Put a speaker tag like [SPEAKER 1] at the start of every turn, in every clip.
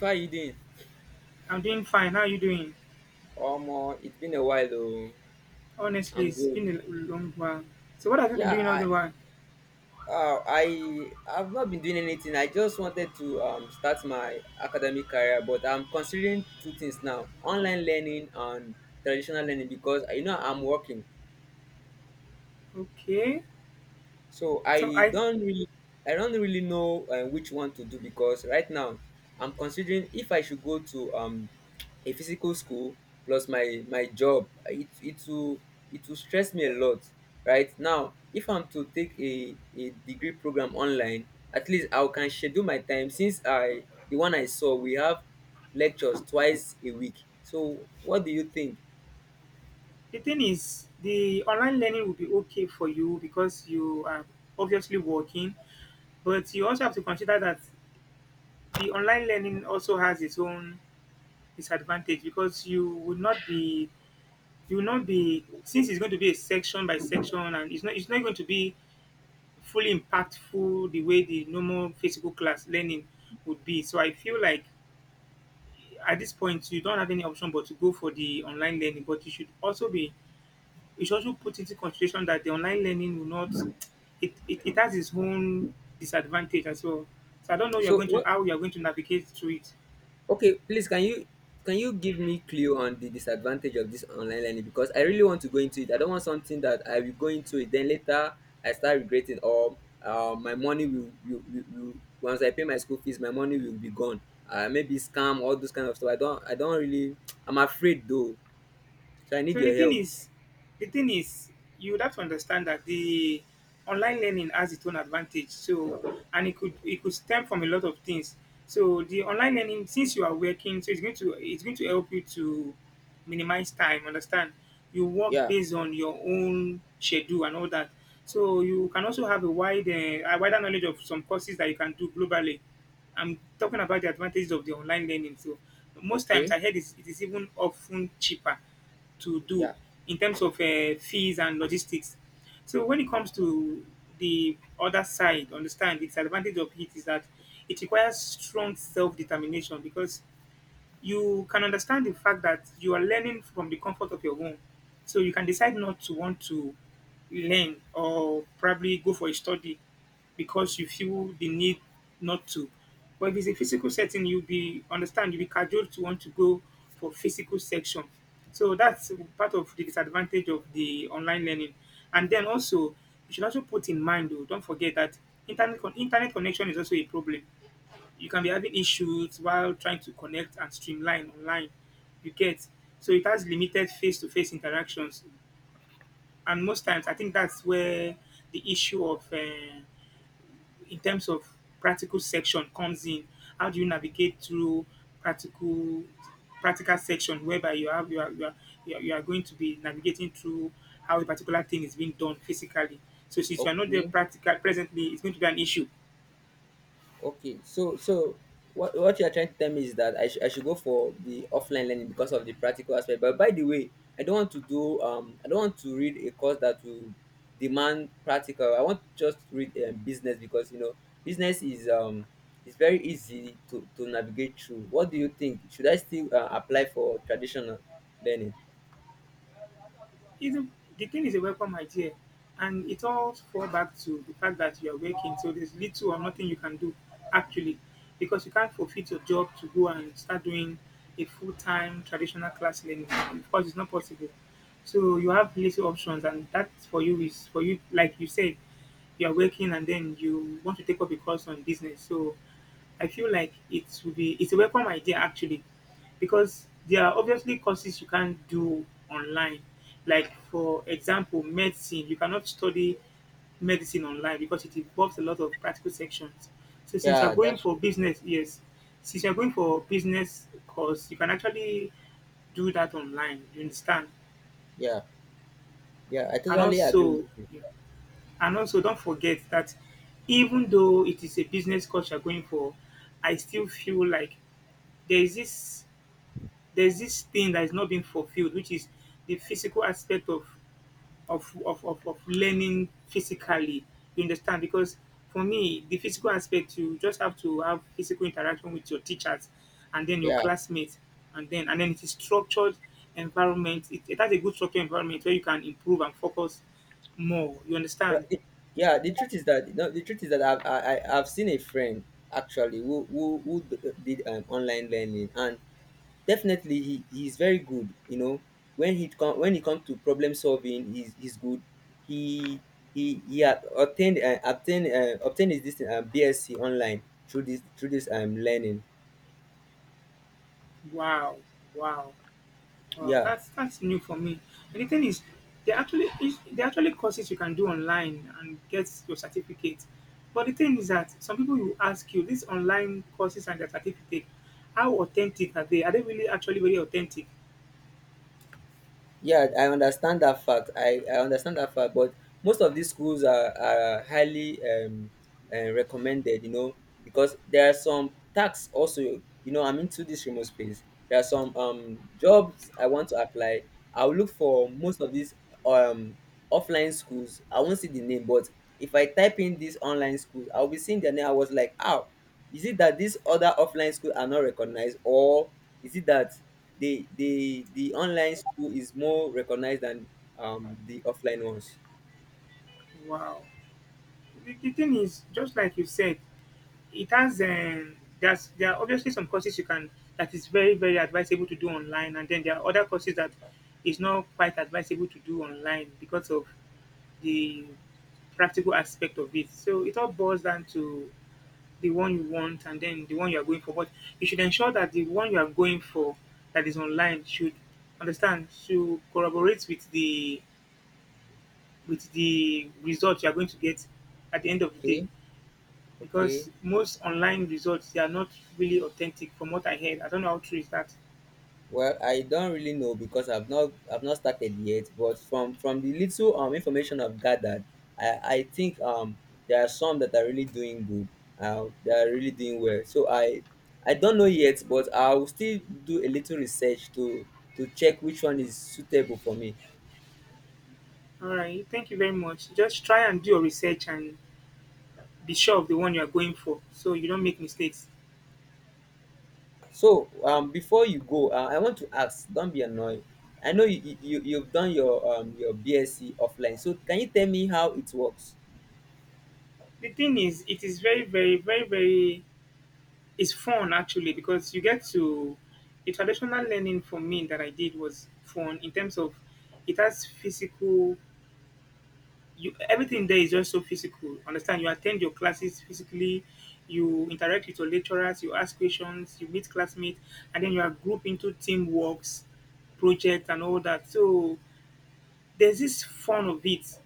[SPEAKER 1] How you doing?
[SPEAKER 2] I'm doing fine. How are you doing?
[SPEAKER 1] Omo, it's been a while though.
[SPEAKER 2] Honestly,
[SPEAKER 1] I'm
[SPEAKER 2] it's
[SPEAKER 1] good.
[SPEAKER 2] been a long while. So what have you been
[SPEAKER 1] Yeah,
[SPEAKER 2] doing all
[SPEAKER 1] I
[SPEAKER 2] the while?
[SPEAKER 1] I've not been doing anything. I just wanted to start my academic career, but I'm considering two things now: online learning and traditional learning because you know I'm working.
[SPEAKER 2] Okay.
[SPEAKER 1] So
[SPEAKER 2] So I
[SPEAKER 1] I don't really know which one to do because right now I'm considering if I should go to a physical school plus my job. It will it will stress me a lot. Right now, if I'm to take a degree program online, at least I can schedule my time since I the one I saw we have lectures twice a week. So what do you think?
[SPEAKER 2] the thing is the online learning will be okay for you because you are obviously working, but you also have to consider that the online learning also has its own disadvantage because you will not be, since it's going to be a section by section, and it's not going to be fully impactful the way the normal physical class learning would be. So I feel like at this point you don't have any option but to go for the online learning, but you should also put into consideration that the online learning will not, it has its own disadvantage as well, so I don't know you're
[SPEAKER 1] So
[SPEAKER 2] going to
[SPEAKER 1] what.
[SPEAKER 2] how you're going to navigate through it.
[SPEAKER 1] Okay, please can you give me clue on the disadvantage of this online learning because I really want to go into it. I don't want something that I will go into it then later I start regretting or my money will, once I pay my school fees my money will be gone. Maybe scam all those kind of stuff. I don't really, I'm afraid though. So I need
[SPEAKER 2] So the
[SPEAKER 1] your
[SPEAKER 2] thing
[SPEAKER 1] help.
[SPEAKER 2] is, the thing is, you would have to understand that the online learning has its own advantage. So, and it could stem from a lot of things. So the online learning, since you are working, so it's going to help you to minimize time. Understand? You work
[SPEAKER 1] Yeah,
[SPEAKER 2] based on your own schedule and all that. So you can also have a wide a wider knowledge of some courses that you can do globally. I'm talking about the advantages of the online learning. So most times
[SPEAKER 1] okay,
[SPEAKER 2] I heard it is even often cheaper to do
[SPEAKER 1] yeah,
[SPEAKER 2] in terms of fees and logistics. So when it comes to the other side, understand, the disadvantage of it is that it requires strong self-determination, because you can understand the fact that you are learning from the comfort of your home. So you can decide not to want to learn, or probably go for a study because you feel the need not to. But if it's a physical setting, you'll be cajoled to want to go for physical section. So that's part of the disadvantage of the online learning. And then also, you should also put in mind, though, don't forget that internet connection is also a problem. You can be having issues while trying to connect and streamline online. You get, so it has limited face-to-face interactions, and most times I think that's where the issue of in terms of practical section comes in. How do you navigate through practical practical section, whereby you are, you are going to be navigating through how a particular thing is being done physically. So since you are not there
[SPEAKER 1] okay.
[SPEAKER 2] practical presently, it's going to be an issue.
[SPEAKER 1] Okay, so so what you are trying to tell me is that I should go for the offline learning because of the practical aspect. But by the way, I don't want to read a course that will demand practical. I want to just read business because you know business is very easy to navigate through. What do you think? Should I still apply for traditional learning?
[SPEAKER 2] Isn't, the thing is, a welcome idea, and it all falls back to the fact that you are working. So there's little or nothing you can do actually, because you can't forfeit your job to go and start doing a full-time traditional class learning. Of course, it's not possible. So you have little options, and that for you is for you, like you said, you are working, and then you want to take up a course on business. So I feel like it would be it's a welcome idea actually, because there are obviously courses you can't do online. Like, for example, medicine, you cannot study medicine online because it involves a lot of practical sections. So since you're
[SPEAKER 1] Yeah,
[SPEAKER 2] going
[SPEAKER 1] that's
[SPEAKER 2] for
[SPEAKER 1] true.
[SPEAKER 2] business, yes, since you're going for business course, you can actually do that online. You understand?
[SPEAKER 1] Yeah, yeah, I
[SPEAKER 2] And
[SPEAKER 1] totally agree with
[SPEAKER 2] also,
[SPEAKER 1] you.
[SPEAKER 2] and also, don't forget that even though it is a business course you're going for, I still feel like there is this there's this thing that is not being fulfilled, which is the physical aspect of of learning physically. You understand? Because for me, the physical aspect, you just have to have physical interaction with your teachers and then your
[SPEAKER 1] Yeah.
[SPEAKER 2] classmates, and then it is structured environment. It has a good structured environment where you can improve and focus more. You
[SPEAKER 1] Well,
[SPEAKER 2] understand?
[SPEAKER 1] it, yeah, the truth is that no, the truth is that I've seen a friend actually did online learning and definitely he's very good. You know, when it comes to problem solving, he's good. He he had obtained obtained his this BSc online through this learning.
[SPEAKER 2] Wow, wow. Well,
[SPEAKER 1] Yeah,
[SPEAKER 2] that's new for me. And the thing is, there actually courses you can do online and get your certificate. But the thing is that some people will ask you these online courses and their certificate, how authentic are they? Are they really actually very authentic?
[SPEAKER 1] yeah, I understand that fact but most of these schools are highly recommended, you know, because there are some tax also, you know, I'm into this remote space. There are some jobs I want to apply. I'll look for most of these um offline schools, I won't see the name. But if I type in these online schools I'll be seeing their name. I was like, oh, is it that these other offline schools are not recognized or is it that the online school is more recognized than the offline ones.
[SPEAKER 2] Wow. The thing is, just like you said, it has, there are obviously some courses you can, that is very very advisable to do online, and then there are other courses that is not quite advisable to do online because of the practical aspect of it. So it all boils down to the one you want and then the one you are going for. But you should ensure that the one you are going for that is online should, understand, to corroborate with the result you are going to get at the end of the day.
[SPEAKER 1] Okay, okay.
[SPEAKER 2] Because most online results, they are not really authentic from what I heard. I don't know how true is that.
[SPEAKER 1] Well, I don't really know because I've not started yet. But from the little information I've gathered, I think there are some that are really doing good. They are really doing well. So I don't know yet, but I will still do a little research to check which one is suitable for me.
[SPEAKER 2] All right, thank you very much. Just try and do your research and be sure of the one you are going for so you don't make mistakes.
[SPEAKER 1] So before you go, I want to ask. Don't be annoyed. I know you've done your BSc offline. So can you tell me how it works?
[SPEAKER 2] The thing is, it is very, very, very, very. It's fun actually, because you get to, the traditional learning for me that I did was fun in terms of it has physical. You, everything there is just so physical. Understand? You attend your classes physically. You interact with your lecturers. You ask questions. You meet classmates, and then you are grouped into teamworks, project, and all that. So there's this fun of it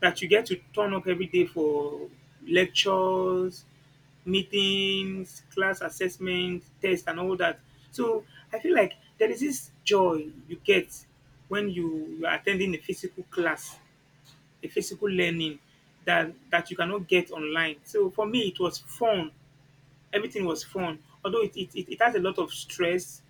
[SPEAKER 2] that you get to turn up every day for lectures, meetings, class assessment, test, and all that. So I feel like there is this joy you get when you are attending a physical class, a physical learning, that that you cannot get online. So for me, it was fun. Everything was fun, although it has a lot of stress.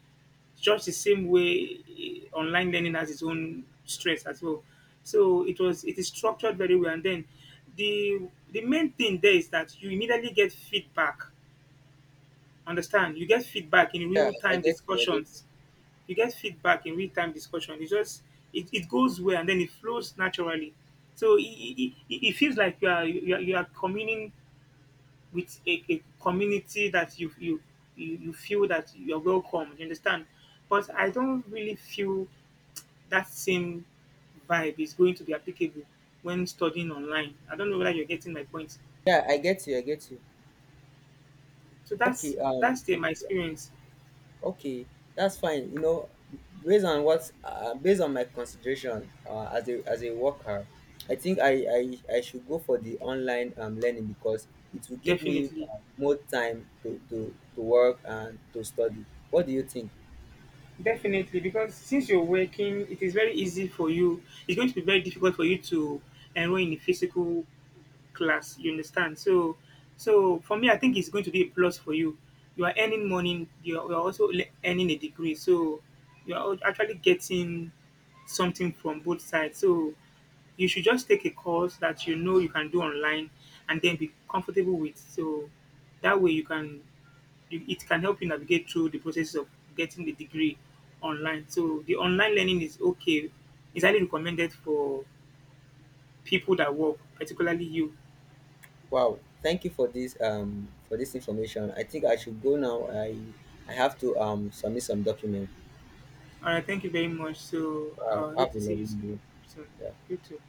[SPEAKER 2] Just the same way, eh, online learning has its own stress as well. So it is structured very well, and then the the main thing there is that you immediately get feedback. Understand. You get feedback in
[SPEAKER 1] Yeah,
[SPEAKER 2] real
[SPEAKER 1] I
[SPEAKER 2] time
[SPEAKER 1] get you. I get
[SPEAKER 2] discussions. You get feedback in real time discussion. It's just it goes well and then it flows naturally. So it feels like you are communing with a community that you feel that you're welcome. You understand? But I don't really feel that same vibe is going to be applicable when studying online. I don't know whether you're getting my point.
[SPEAKER 1] yeah, I get you. I get you.
[SPEAKER 2] So
[SPEAKER 1] Okay.
[SPEAKER 2] that's the, my experience.
[SPEAKER 1] Okay. That's fine. You know, based on my consideration, as a worker, I think I should go for the online learning because it will give me
[SPEAKER 2] Definitely.
[SPEAKER 1] more time to work and to study. What do you think?
[SPEAKER 2] Definitely, because since you're working, it is very easy for you. It's going to be very difficult for you to enroll in a physical class. You understand? So, so for me, I think it's going to be a plus for you. You are earning money. You are, earning a degree. So, actually getting something from both sides. So, you should just take a course that you know you can do online, and then be comfortable with. So, that way you can, it can help you navigate through the process of getting the degree online. So the online learning is okay. It's highly recommended for people that work, particularly you.
[SPEAKER 1] Wow, thank you for this information. I think I should go now. I have to submit some document.
[SPEAKER 2] All right, thank you very much. So
[SPEAKER 1] Wow,
[SPEAKER 2] I
[SPEAKER 1] have
[SPEAKER 2] hope
[SPEAKER 1] a
[SPEAKER 2] to see you
[SPEAKER 1] lovely
[SPEAKER 2] soon.
[SPEAKER 1] day.
[SPEAKER 2] Soon.
[SPEAKER 1] Yeah.
[SPEAKER 2] You too.